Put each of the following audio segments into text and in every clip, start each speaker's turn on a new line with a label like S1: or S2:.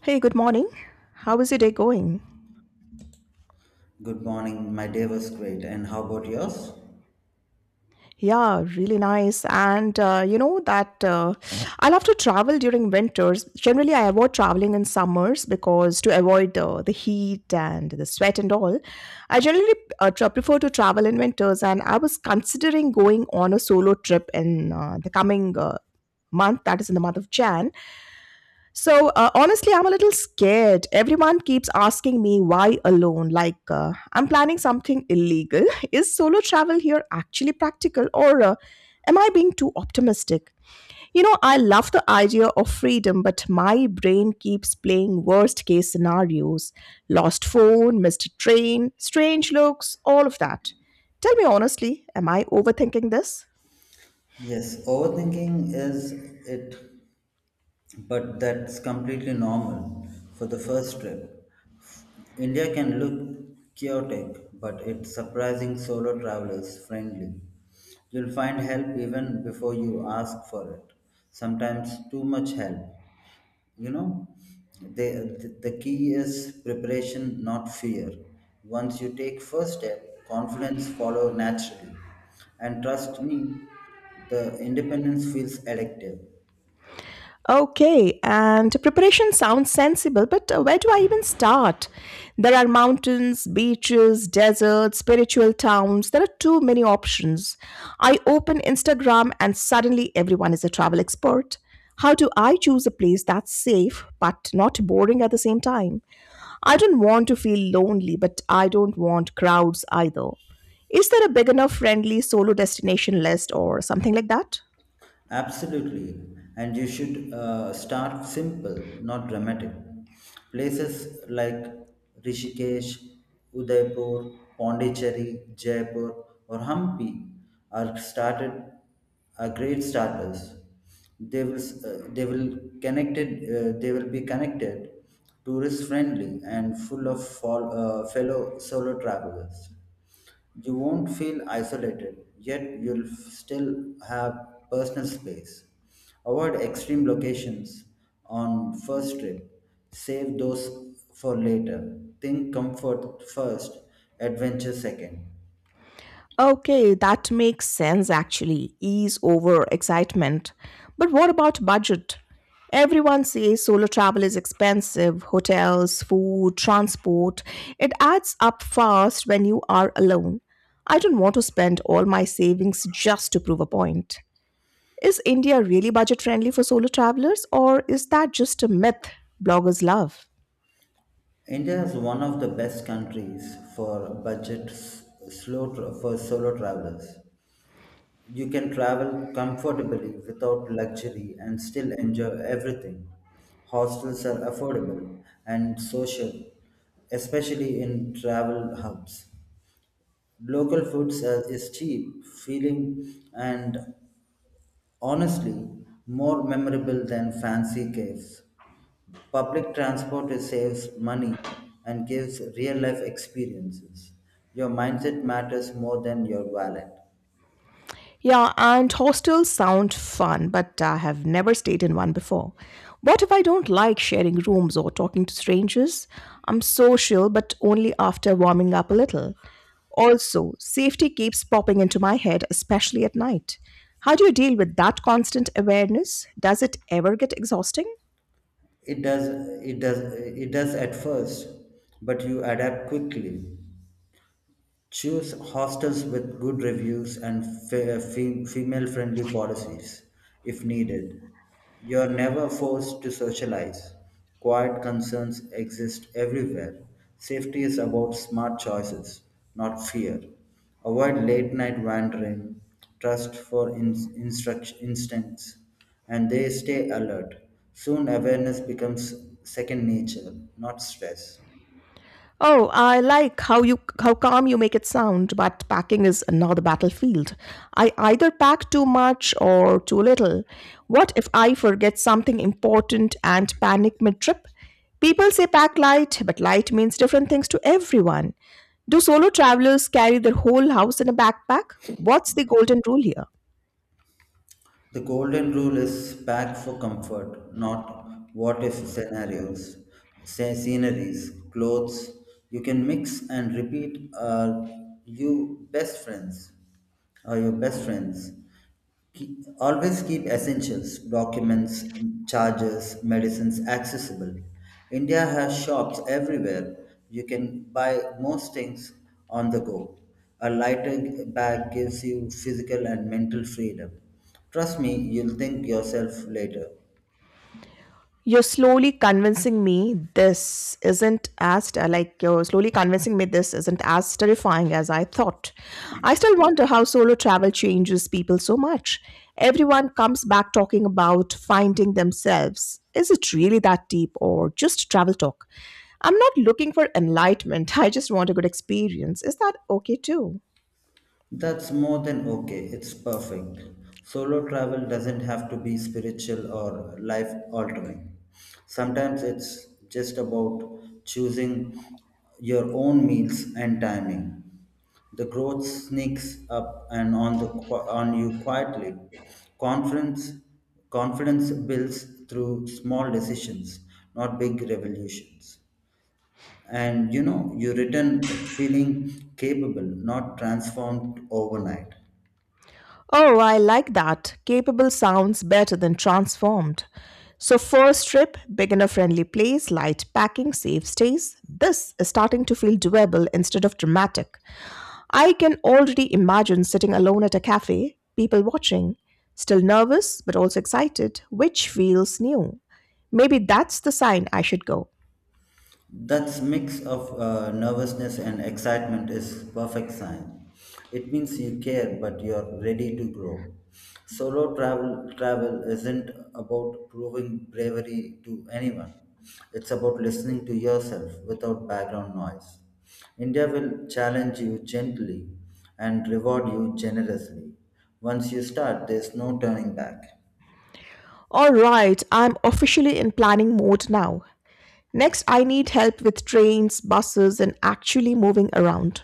S1: Hey, good morning. How is your day going?
S2: Good morning. My day was great. And how about yours?
S1: Yeah, really nice. And you know that I love to travel during winters. Generally, I avoid traveling in summers because to avoid the heat and the sweat and all. I generally prefer to travel in winters, and I was considering going on a solo trip in the coming month, that is in the month of Jan. Honestly, I'm a little scared. Everyone keeps asking me why alone. Like, I'm planning something illegal. Is solo travel here actually practical, or am I being too optimistic? You know, I love the idea of freedom, but my brain keeps playing worst case scenarios: lost phone, missed train, strange looks, all of that. Tell me honestly, am I overthinking this?
S2: Yes, overthinking is it, but that's completely normal for the first trip. India can look chaotic, but it's surprising solo travelers friendly. You'll find help even before you ask for it. Sometimes too much help. you know the key is preparation not fear. Once you take first step confidence follow naturally, and trust me, the independence feels addictive.
S1: Okay, and preparation sounds sensible, but where do I even start? There are mountains, beaches, deserts, spiritual towns. There are too many options. I open Instagram and suddenly everyone is a travel expert. How do I choose a place that's safe but not boring at the same time? I don't want to feel lonely, but I don't want crowds either. Is there a big enough friendly solo destination list or something like that?
S2: Absolutely. And you should start simple, not dramatic. Places like Rishikesh, Udaipur, Pondicherry, Jaipur, or Hampi are started are great starters. They will be connected, tourist friendly and full of fellow solo travelers. You won't feel isolated, yet still have personal space. Avoid extreme locations on first trip. Save those for later. Think comfort first, adventure second.
S1: Okay, that makes sense actually. Ease over excitement. But what about budget? Everyone says solo travel is expensive hotels, food, transport. It adds up fast when you are alone. I don't want to spend all my savings just to prove a point. Is India really budget friendly for solo travelers, or is that just a myth bloggers love?
S2: India is one of the best countries for budget s- slow tra- for solo travelers. You can travel comfortably without luxury and still enjoy everything. Hostels are affordable and social, especially in travel hubs. Local foods are, is cheap, feeling, and honestly more memorable than fancy caves. Public transport saves money and gives real life experiences. Your mindset matters more than your wallet.
S1: Yeah, and hostels sound fun, but I have never stayed in one before. What if I don't like sharing rooms or talking to strangers? I'm social, but only after warming up a little. Also, safety keeps popping into my head, especially at night. How do you deal with that constant awareness? Does it ever get exhausting?
S2: It does, it does at first, but you adapt quickly. Choose hostels with good reviews and female friendly policies if needed. You're never forced to socialize. Quiet concerns exist everywhere. Safety is about smart choices, not fear. Avoid late night wandering, trust for instincts, and they stay alert. Soon awareness becomes second nature, not stress.
S1: Oh, I like how calm you make it sound, but packing is another battlefield. I either pack too much or too little. What if I forget something important and panic mid-trip? People say pack light, but light means different things to everyone. Do solo travelers carry their whole house in a backpack? What's the golden rule here?
S2: The golden rule is pack for comfort, not what if scenarios, say sceneries, clothes. You can mix and repeat are you best friends? Are your best friends? Always keep essentials, documents, chargers, medicines accessible. India has shops everywhere. You can buy most things on the go. A lighter bag gives you physical and mental freedom. Trust me, you'll thank yourself later.
S1: You're slowly convincing me this isn't as ter- like You're slowly convincing me this isn't as terrifying as I thought. I still wonder how solo travel changes people so much. Everyone comes back talking about finding themselves. Is it really that deep or just travel talk? I'm not looking for enlightenment. I just want a good experience. Is that okay too?
S2: That's more than okay. It's perfect. Solo travel doesn't have to be spiritual or life altering. Sometimes it's just about choosing your own meals and timing. The growth sneaks up and on the qui- on you quietly. Confidence confidence builds through small decisions, not big revolutions. And you know you return feeling capable, not transformed overnight.
S1: Oh, I like that. Capable sounds better than transformed. So, first trip, beginner friendly place, light packing, safe stays. This is starting to feel doable instead of dramatic. I can already imagine sitting alone at a cafe, people watching, still nervous but also excited, which feels new. Maybe that's the sign I should go.
S2: That mix of nervousness and excitement is perfect sign. It means you care, but you're ready to grow. Solo travel isn't about proving bravery to anyone. It's about listening to yourself without background noise. India will challenge you gently and reward you generously. Once you start, there's no turning back.
S1: Alright, I'm officially in planning mode now. Next, I need help with trains, buses, and actually moving around.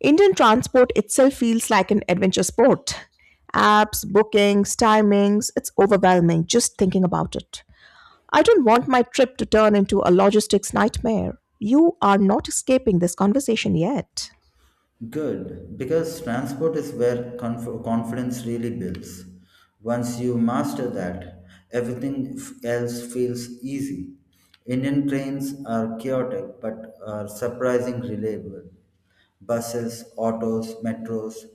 S1: Indian transport itself feels like an adventure sport. Apps, bookings, timings, it's overwhelming just thinking about it. I don't want my trip to turn into a logistics nightmare. You are not escaping this conversation yet.
S2: Good, because transport is where confidence really builds. Once you master that, everything else feels easy. Indian trains are chaotic but are surprisingly reliable. Buses, autos, metros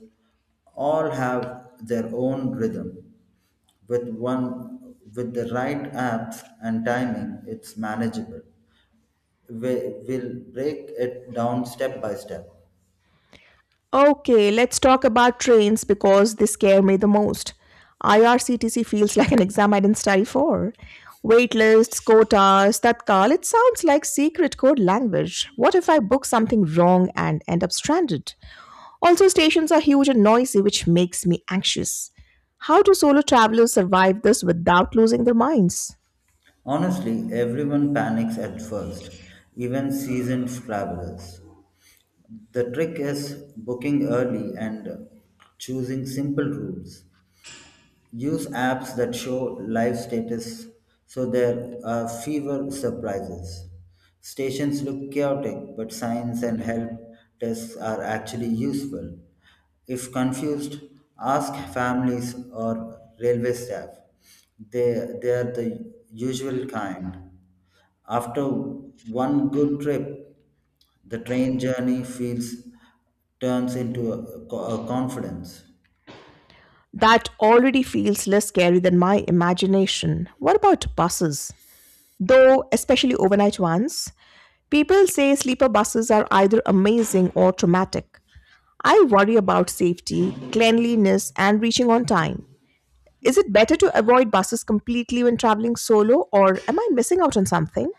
S2: all have their own rhythm. With the right apps and timing, it's manageable. We will break it down step by step.
S1: Okay, let's talk about trains because they scare me the most. IRCTC feels like an exam I didn't study for. Waitlists, lists, quotas, tatkal, it sounds like secret code language. What if I book something wrong and end up stranded? Also, stations are huge and noisy, which makes me anxious. How do solo travelers survive this without losing their minds?
S2: Honestly, everyone panics at first, even seasoned travelers. The trick is booking early and choosing simple routes. Use apps that show live status so there are fewer surprises. Stations look chaotic, but signs and help desks are actually useful. If confused, ask families or railway staff. They, they are the usual kind. After one good trip, the train journey feels turns into a, a confidence.
S1: That already feels less scary than my imagination. What about buses? Though, especially overnight ones, people say sleeper buses are either amazing or traumatic. I worry about safety, cleanliness, and reaching on time. Is it better to avoid buses completely when traveling solo, or am I missing out on something?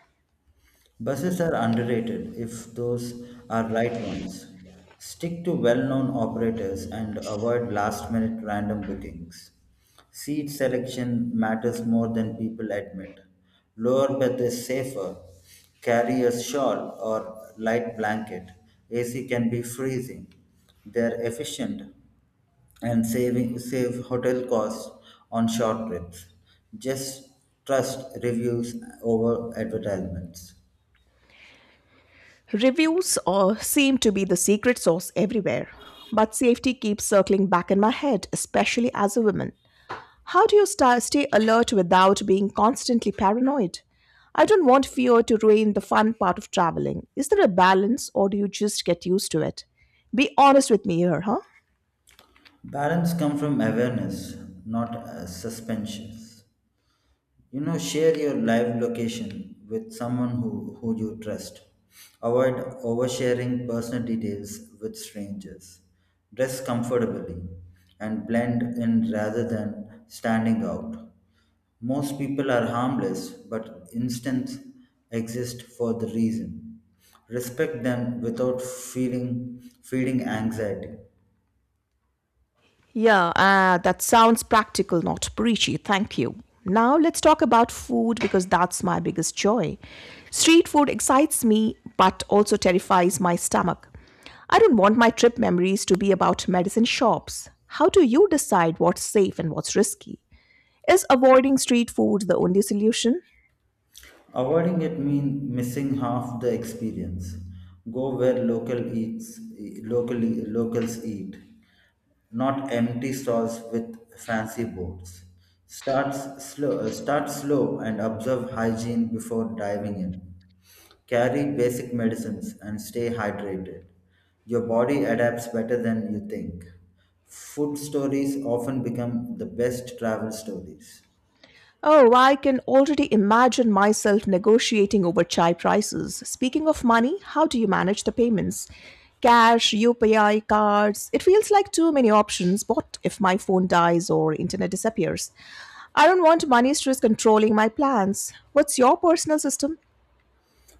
S2: Buses are underrated if those are right ones. Stick to well-known operators and avoid last-minute random bookings. Seat selection matters more than people admit. Lower berth is safer. Carry a shawl or light blanket. AC can be freezing. They're efficient and saving save hotel costs on short trips. Just trust reviews over advertisements.
S1: Reviews seem to be the secret sauce everywhere, but safety keeps circling back in my head, especially as a woman. How do you stay alert without being constantly paranoid? I don't want fear to ruin the fun part of traveling. Is there a balance or do you just get used to it? Be honest with me here, huh?
S2: Balance come from awareness, not suspensions. Share your live location with someone who you trust. Avoid oversharing personal details with strangers. Dress comfortably and blend in rather than standing out. Most people are harmless, but instincts exist for the reason. Respect them without feeling feeling anxiety.
S1: Yeah, that sounds practical, not preachy. Thank you. Now let's talk about food because that's my biggest joy. Street food excites me but also terrifies my stomach. I don't want my trip memories to be about medicine shops. How do you decide what's safe and what's risky? Is avoiding street food the only solution?
S2: Avoiding it means missing half the experience. Go where locals eat, not empty stalls with fancy boards. Start Start slow and observe hygiene before diving in. Carry basic medicines and stay hydrated. Your body adapts better than you think. Food stories often become the best travel stories.
S1: Oh, I can already imagine myself negotiating over chai prices. Speaking of money, how do you manage the payments? Cash, UPI, cards. It feels like too many options. What if my phone dies or internet disappears? I don't want money stress controlling my plans. What's your personal system?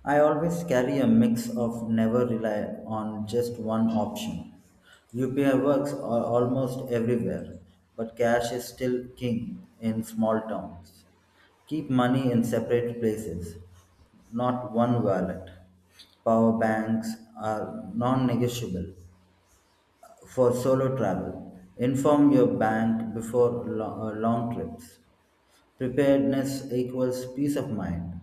S2: I always carry a mix of never rely on just one option. UPI works are almost everywhere, but cash is still king in small towns. Keep money in separate places, not one wallet. Power banks are non negotiable for solo travel. Inform your bank before long trips. Preparedness equals peace of mind.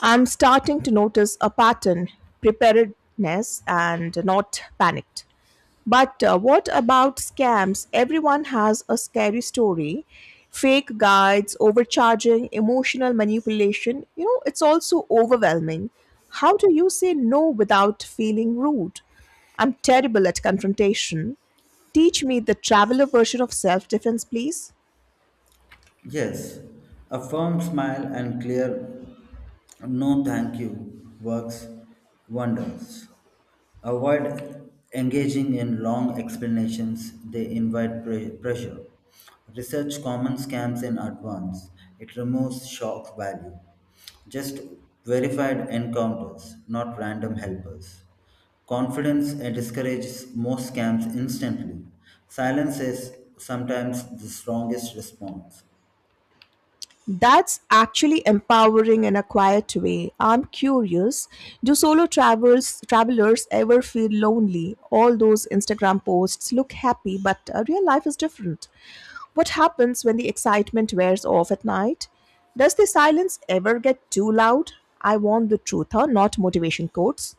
S1: I'm starting to notice a pattern preparedness and not panicked. But what about scams? Everyone has a scary story. Fake guides, overcharging, emotional manipulation. You know, it's also overwhelming. How do you say no without feeling rude? I'm terrible at confrontation. Teach me the traveler version of self defense, please.
S2: Yes, a firm smile and clear no thank you works wonders. Avoid engaging in long explanations, they invite pressure. Research common scams in advance, it removes shock value. Just verified encounters, not random helpers. Confidence discourages most scams instantly. Silence is sometimes the strongest response.
S1: That's actually empowering in a quiet way. I'm curious, do solo travels travelers ever feel lonely? All those Instagram posts look happy, but real life is different. What happens when the excitement wears off at night? Does the silence ever get too loud? I want the truth, huh? Not motivation quotes.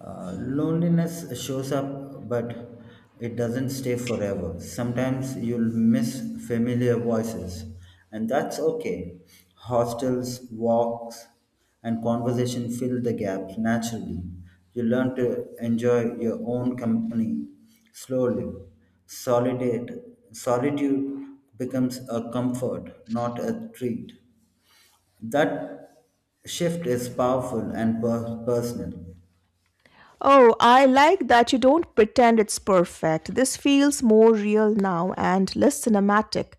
S2: Loneliness shows up, but it doesn't stay forever. Sometimes you'll miss familiar voices, and that's okay. Hostels, walks, and conversation fill the gaps naturally. You learn to enjoy your own company slowly. Solitude, solitude becomes a comfort, not a treat. That shift is powerful and personal.
S1: Oh, I like that you don't pretend it's perfect. This feels more real now and less cinematic.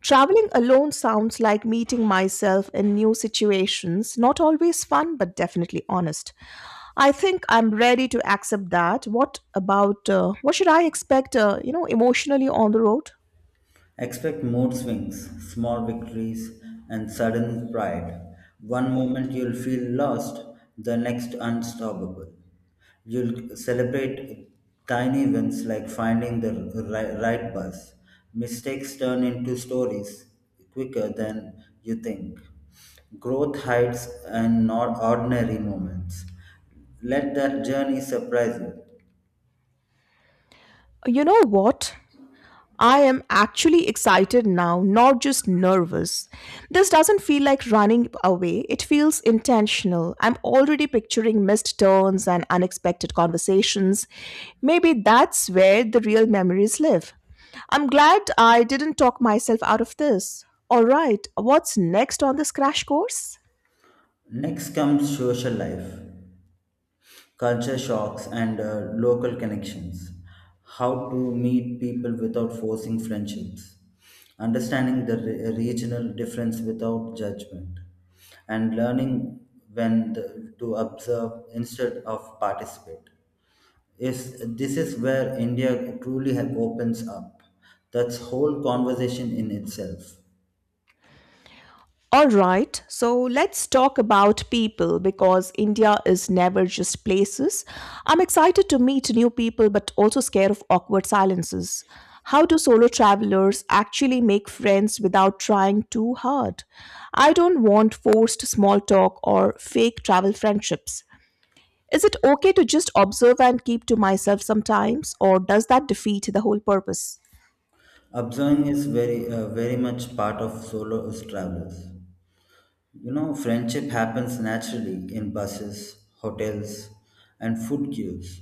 S1: Traveling alone sounds like meeting myself in new situations, not always fun, but definitely honest. I think I'm ready to accept that. What about what should I expect, you know, emotionally on the road?
S2: Expect mood swings, small victories, and sudden pride. One moment you'll feel lost, the next unstoppable. You'll celebrate tiny wins like finding the right bus. Mistakes turn into stories quicker than you think. Growth hides in not ordinary moments. Let that journey surprise you.
S1: You know what? I am actually excited now, not just nervous. This doesn't feel like running away, it feels intentional. I'm already picturing missed turns and unexpected conversations. Maybe that's where the real memories live. I'm glad I didn't talk myself out of this. All right, what's next on this crash course?
S2: Next comes social life, culture shocks and local connections. How to meet people without forcing friendships, understanding the regional difference without judgment, and learning when to observe instead of participate. Is this is where india truly opens up. That's whole conversation in itself.
S1: All right, so let's talk about people because India is never just places. I'm excited to meet new people but also scared of awkward silences. How do solo travelers actually make friends without trying too hard? I don't want forced small talk or fake travel friendships. Is it okay to just observe and keep to myself sometimes, or does that defeat the whole purpose?
S2: Observing is very very much part of solo travelers. You know, friendship happens naturally in buses, hotels, and food queues.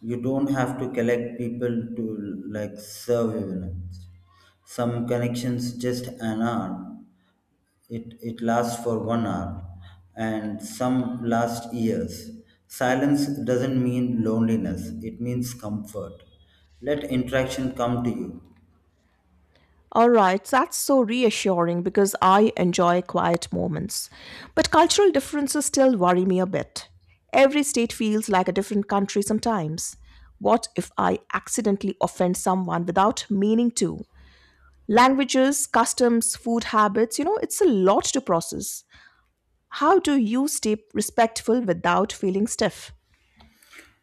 S2: You don't have to collect people to like serve events. Some connections just an hour. It lasts for 1 hour, and some last years. Silence doesn't mean loneliness. It means comfort. Let interaction come to you.
S1: All right, that's so reassuring because I enjoy quiet moments. But cultural differences still worry me a bit. Every state feels like a different country sometimes. What if I accidentally offend someone without meaning to? Languages, customs, food habits, you know, it's a lot to process. How do you stay respectful without feeling stiff?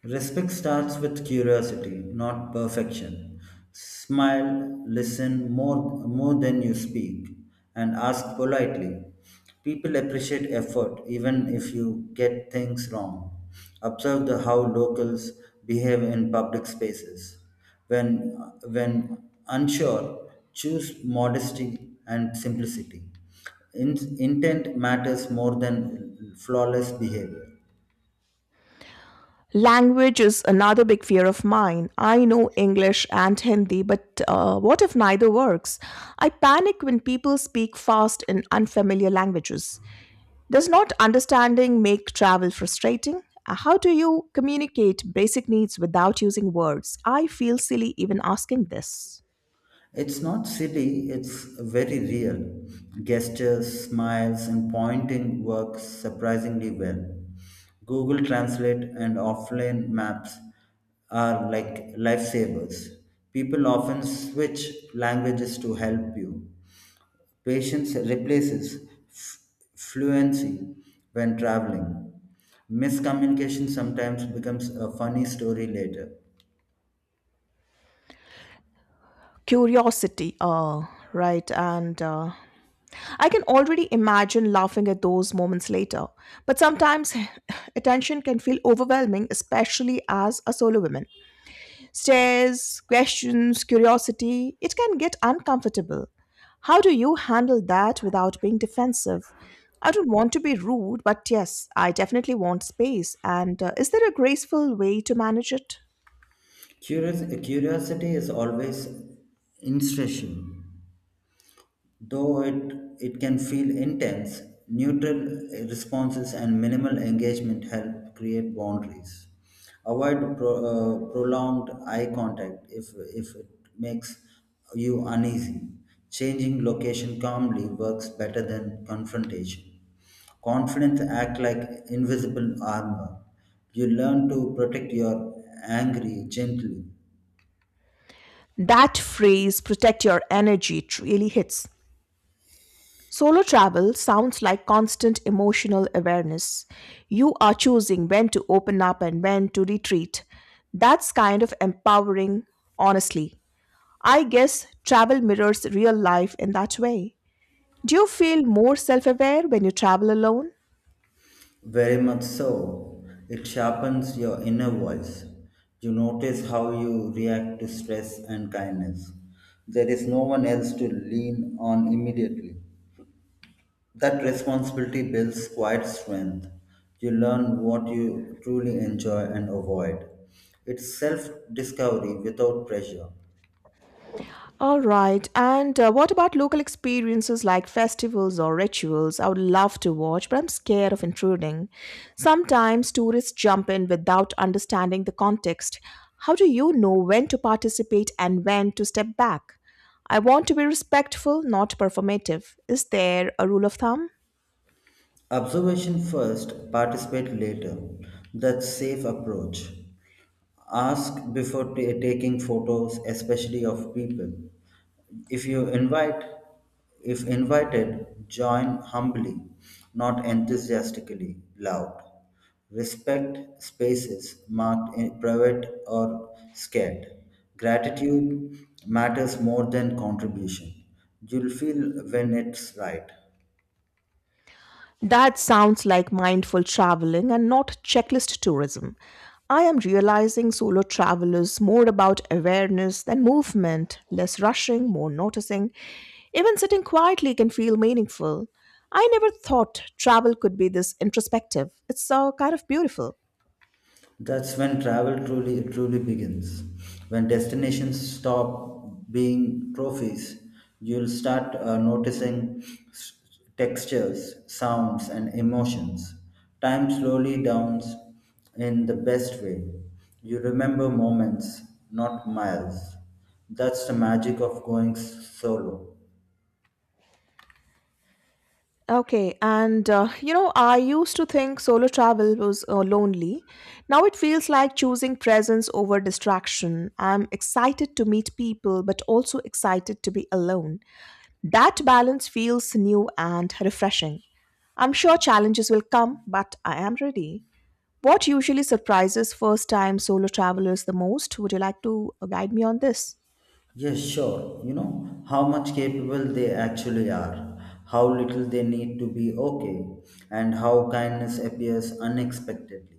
S2: Respect starts with curiosity, not perfection. Smile, listen more than you speak, and ask politely. People appreciate effort even if you get things wrong. Observe the how locals behave in public spaces. When, when unsure, choose modesty and simplicity. In, intent matters more than flawless behavior.
S1: Language is another big fear of mine. I know English and Hindi, but what if neither works? I panic when people speak fast in unfamiliar languages. Does not understanding make travel frustrating? How do you communicate basic needs without using words? I feel silly even asking this.
S2: It's not silly, it's very real. Gestures, smiles, and pointing work surprisingly well. Google Translate and offline maps are like lifesavers. People often switch languages to help you. Patience replaces f- fluency when traveling. Miscommunication sometimes becomes a funny story later.
S1: Curiosity, right, and I can already imagine laughing at those moments later, but sometimes attention can feel overwhelming, especially as a solo woman. Stares, questions, curiosity, it can get uncomfortable. How do you handle that without being defensive? I don't want to be rude, but yes, I definitely want space. And is there a graceful way to manage it?
S2: Curiosity is always insatiable. Though it can feel intense, neutral responses and minimal engagement help create boundaries. Avoid prolonged eye contact if it makes you uneasy. Changing location calmly works better than confrontation. Confidence act like invisible armor. You learn to protect your angry gently.
S1: That phrase, protect your energy, it really hits. Solo travel sounds like constant emotional awareness. You are choosing when to open up and when to retreat. That's kind of empowering, honestly. I guess travel mirrors real life in that way. Do you feel more self aware when you travel alone?
S2: Very much so. It sharpens your inner voice. You notice how you react to stress and kindness. There is no one else to lean on immediately. That responsibility builds quiet strength. You learn what you truly enjoy and avoid. It's self discovery without pressure.
S1: All right. And what about local experiences like festivals or rituals? I would love to watch, but I'm scared of intruding. Sometimes tourists jump in without understanding the context. How do you know when to participate and when to step back? I want to be respectful, not performative. Is there a rule of thumb?
S2: Observation first, participate later. That's safe approach. Ask before taking photos, especially of people. If you invite, if invited, join humbly, not enthusiastically loud. Respect spaces marked in private or scared. Gratitude matters more than contribution. You'll feel when it's right.
S1: That sounds like mindful traveling and not checklist tourism. I am realizing solo travel is more about awareness than movement, less rushing, more noticing. Even sitting quietly can feel meaningful. I never thought travel could be this introspective. It's so kind of beautiful.
S2: That's when travel truly begins. When destinations stop being trophies, you'll start noticing s- textures, sounds, and emotions. Time slowly downs in the best way. You remember moments, not miles. That's the magic of going solo.
S1: Okay, I used to think solo travel was lonely. Now it feels like choosing presence over distraction. I'm excited to meet people, but also excited to be alone. That balance feels new and refreshing. I'm sure challenges will come, but I am ready. What usually surprises first time solo travelers the most? Would you like to guide me on this?
S2: Yes, sure. You know how much capable they actually are, how little they need to be okay, and how kindness appears unexpectedly.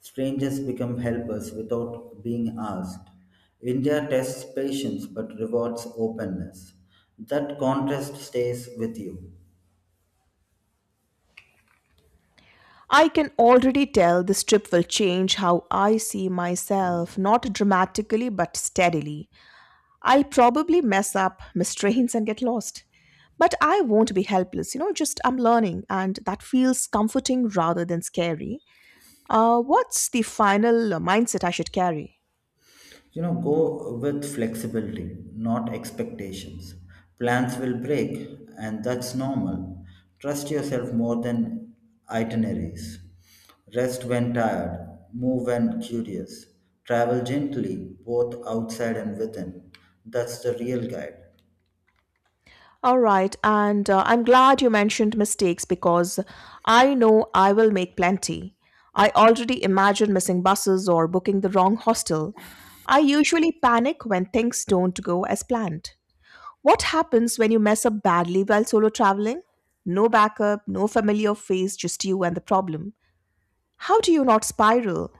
S2: Strangers become helpers without being asked. India tests patience but rewards openness. That contrast stays with you.
S1: I can already tell this trip will change how I see myself, not dramatically but steadily. I'll probably mess up, miss trains, and get lost. But I won't be helpless, you know, just I'm learning, and that feels comforting rather than scary. What's the final mindset I should carry?
S2: You know, go with flexibility, not expectations. Plans will break, and that's normal. Trust yourself more than itineraries. Rest when tired, move when curious. Travel gently, both outside and within. That's the real guide.
S1: All right, and I'm glad you mentioned mistakes because I know I will make plenty. I already imagine missing buses or booking the wrong hostel. I usually panic when things don't go as planned. What happens when you mess up badly while solo traveling? No backup, no familiar face, just you and the problem. How do you not spiral?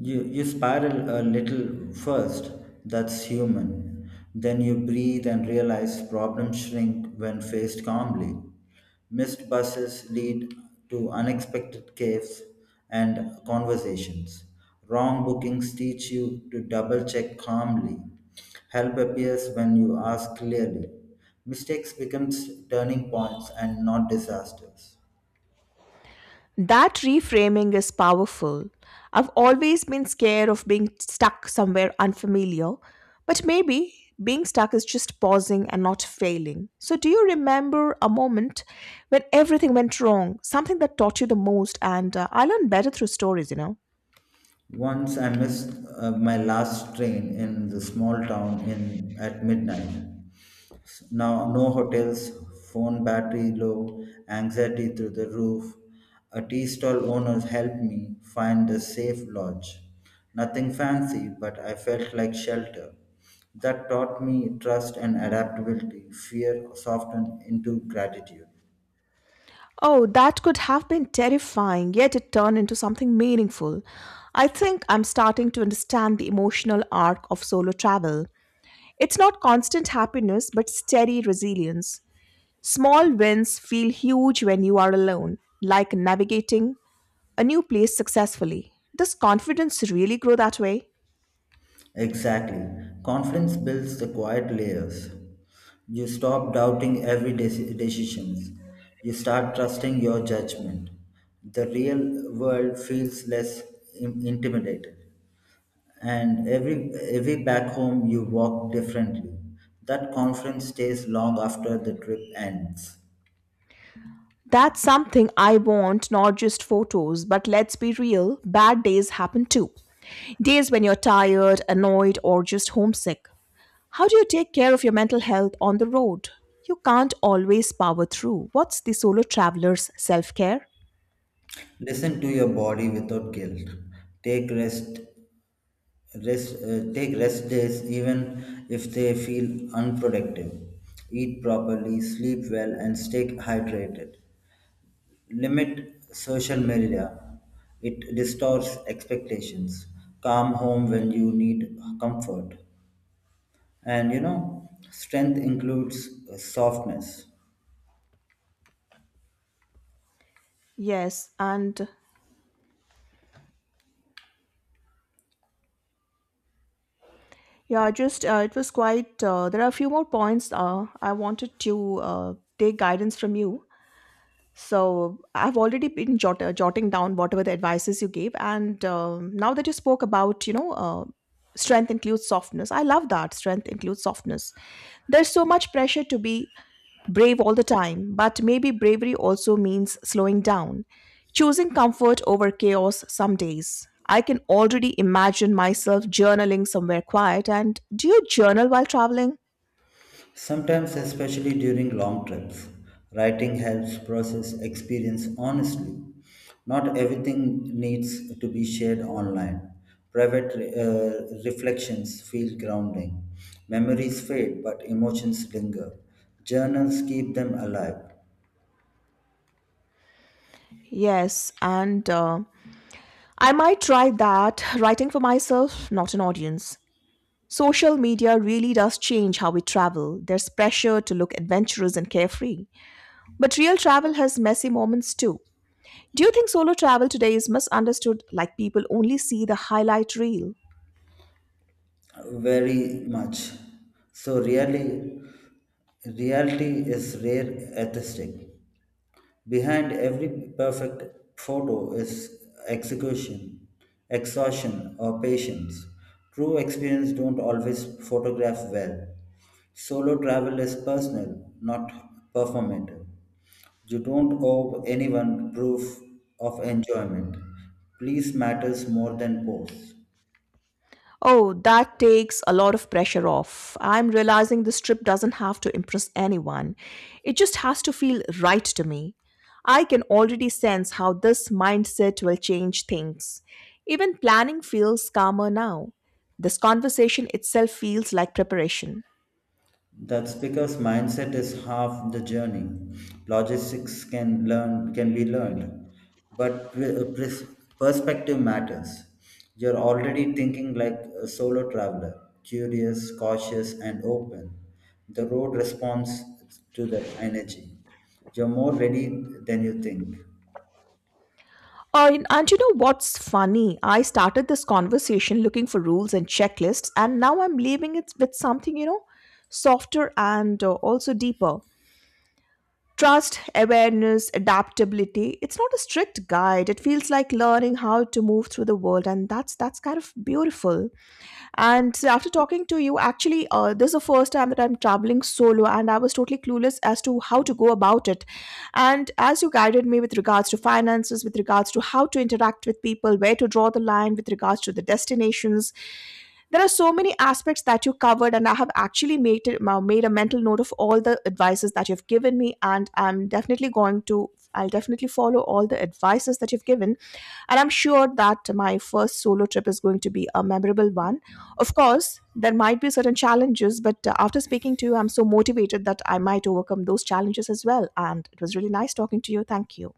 S2: You spiral a little first, that's human. Then you breathe and realize problems shrink when faced calmly. Missed buses lead to unexpected caves and conversations. Wrong bookings teach you to double check calmly. Help appears when you ask clearly. Mistakes becomes turning points and not disasters.
S1: That reframing is powerful. I've always been scared of being stuck somewhere unfamiliar, but maybe being stuck is just pausing and not failing. So, do you remember a moment when everything went wrong? Something that taught you the most, and I learned better through stories, you know?
S2: Once I missed my last train in the small town in at midnight. Now no hotels, phone battery low, anxiety through the roof. A tea stall owner helped me find a safe lodge. Nothing fancy, but I felt like shelter. That taught me trust and adaptability. Fear softened into gratitude.
S1: Oh, that could have been terrifying, yet it turned into something meaningful. I think I'm starting to understand the emotional arc of solo travel. It's not constant happiness, but steady resilience. Small wins feel huge when you are alone, like navigating a new place successfully. Does confidence really grow that way?
S2: Exactly. Confidence builds the quiet layers. You stop doubting every decisions. You start trusting your judgment. The real world feels less intimidated. And every back home you walk differently. That confidence stays long after the trip ends.
S1: That's something I want, not just photos, but let's be real, bad days happen too. Days when you're tired, annoyed, or just homesick. How do you take care of your mental health on the road? You can't always power through. What's the solo traveler's self care?
S2: Listen to your body without guilt. Take rest Rest, take rest days even if they feel unproductive. Eat properly, sleep well, and stay hydrated. Limit social media, it distorts expectations. Come home when you need comfort. And you know, strength includes softness.
S1: Yes, and Yeah, just it was quite. There are a few more points I wanted to take guidance from you. So I've already been jotting down whatever the advices you gave, and now that you spoke about, you know, strength includes softness. I love that strength includes softness. There's so much pressure to be brave all the time, but maybe bravery also means slowing down, choosing comfort over chaos some days. I can already imagine myself journaling somewhere quiet. And do you journal while traveling?
S2: Sometimes, especially during long trips, writing helps process experience honestly. Not everything needs to be shared online. Private reflections feel grounding. Memories fade, but emotions linger. Journals keep them alive
S1: Yes, and I might try that writing for myself, not an audience. Social media really does change how we travel. There's pressure to look adventurous and carefree. But real travel has messy moments too. Do you think solo travel today is misunderstood like people only see the highlight reel?
S2: very much. So, really, reality is rare atheistic. Behind every perfect photo is execution, exhaustion, or patience. True experience don't always photograph well. Solo travel is personal, not performative. You don't owe anyone proof of enjoyment. Please matters more than pose.
S1: Oh, that takes a lot of pressure off. I'm realizing this trip doesn't have to impress anyone. It just has to feel right to me. I can already sense how this mindset will change things. Even planning feels calmer now. This conversation itself feels like preparation.
S2: That's because mindset is half the journey. Logistics can be learned, but perspective matters. You're already thinking like a solo traveler, curious, cautious, and open. The road responds to that energy. You're more ready than you think.
S1: And you know what's funny? I started this conversation looking for rules and checklists, and now I'm leaving it with something, you know, softer and also deeper. Trust, awareness, adaptability. It's not a strict guide. It feels like learning how to move through the world, and that's kind of beautiful. And after talking to you, actually, this is the first time that I'm traveling solo, and I was totally clueless as to how to go about it. And as you guided me with regards to finances, with regards to how to interact with people, where to draw the line, with regards to the destinations, there are so many aspects that you covered, and I have actually made a mental note of all the advices that you've given me, and I'm definitely going to. I'll definitely follow all the advices that you've given, and I'm sure that my first solo trip is going to be a memorable one. Of course, there might be certain challenges, but after speaking to you, I'm so motivated that I might overcome those challenges as well. And it was really nice talking to you. Thank you.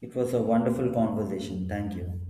S2: It was a wonderful conversation. Thank you.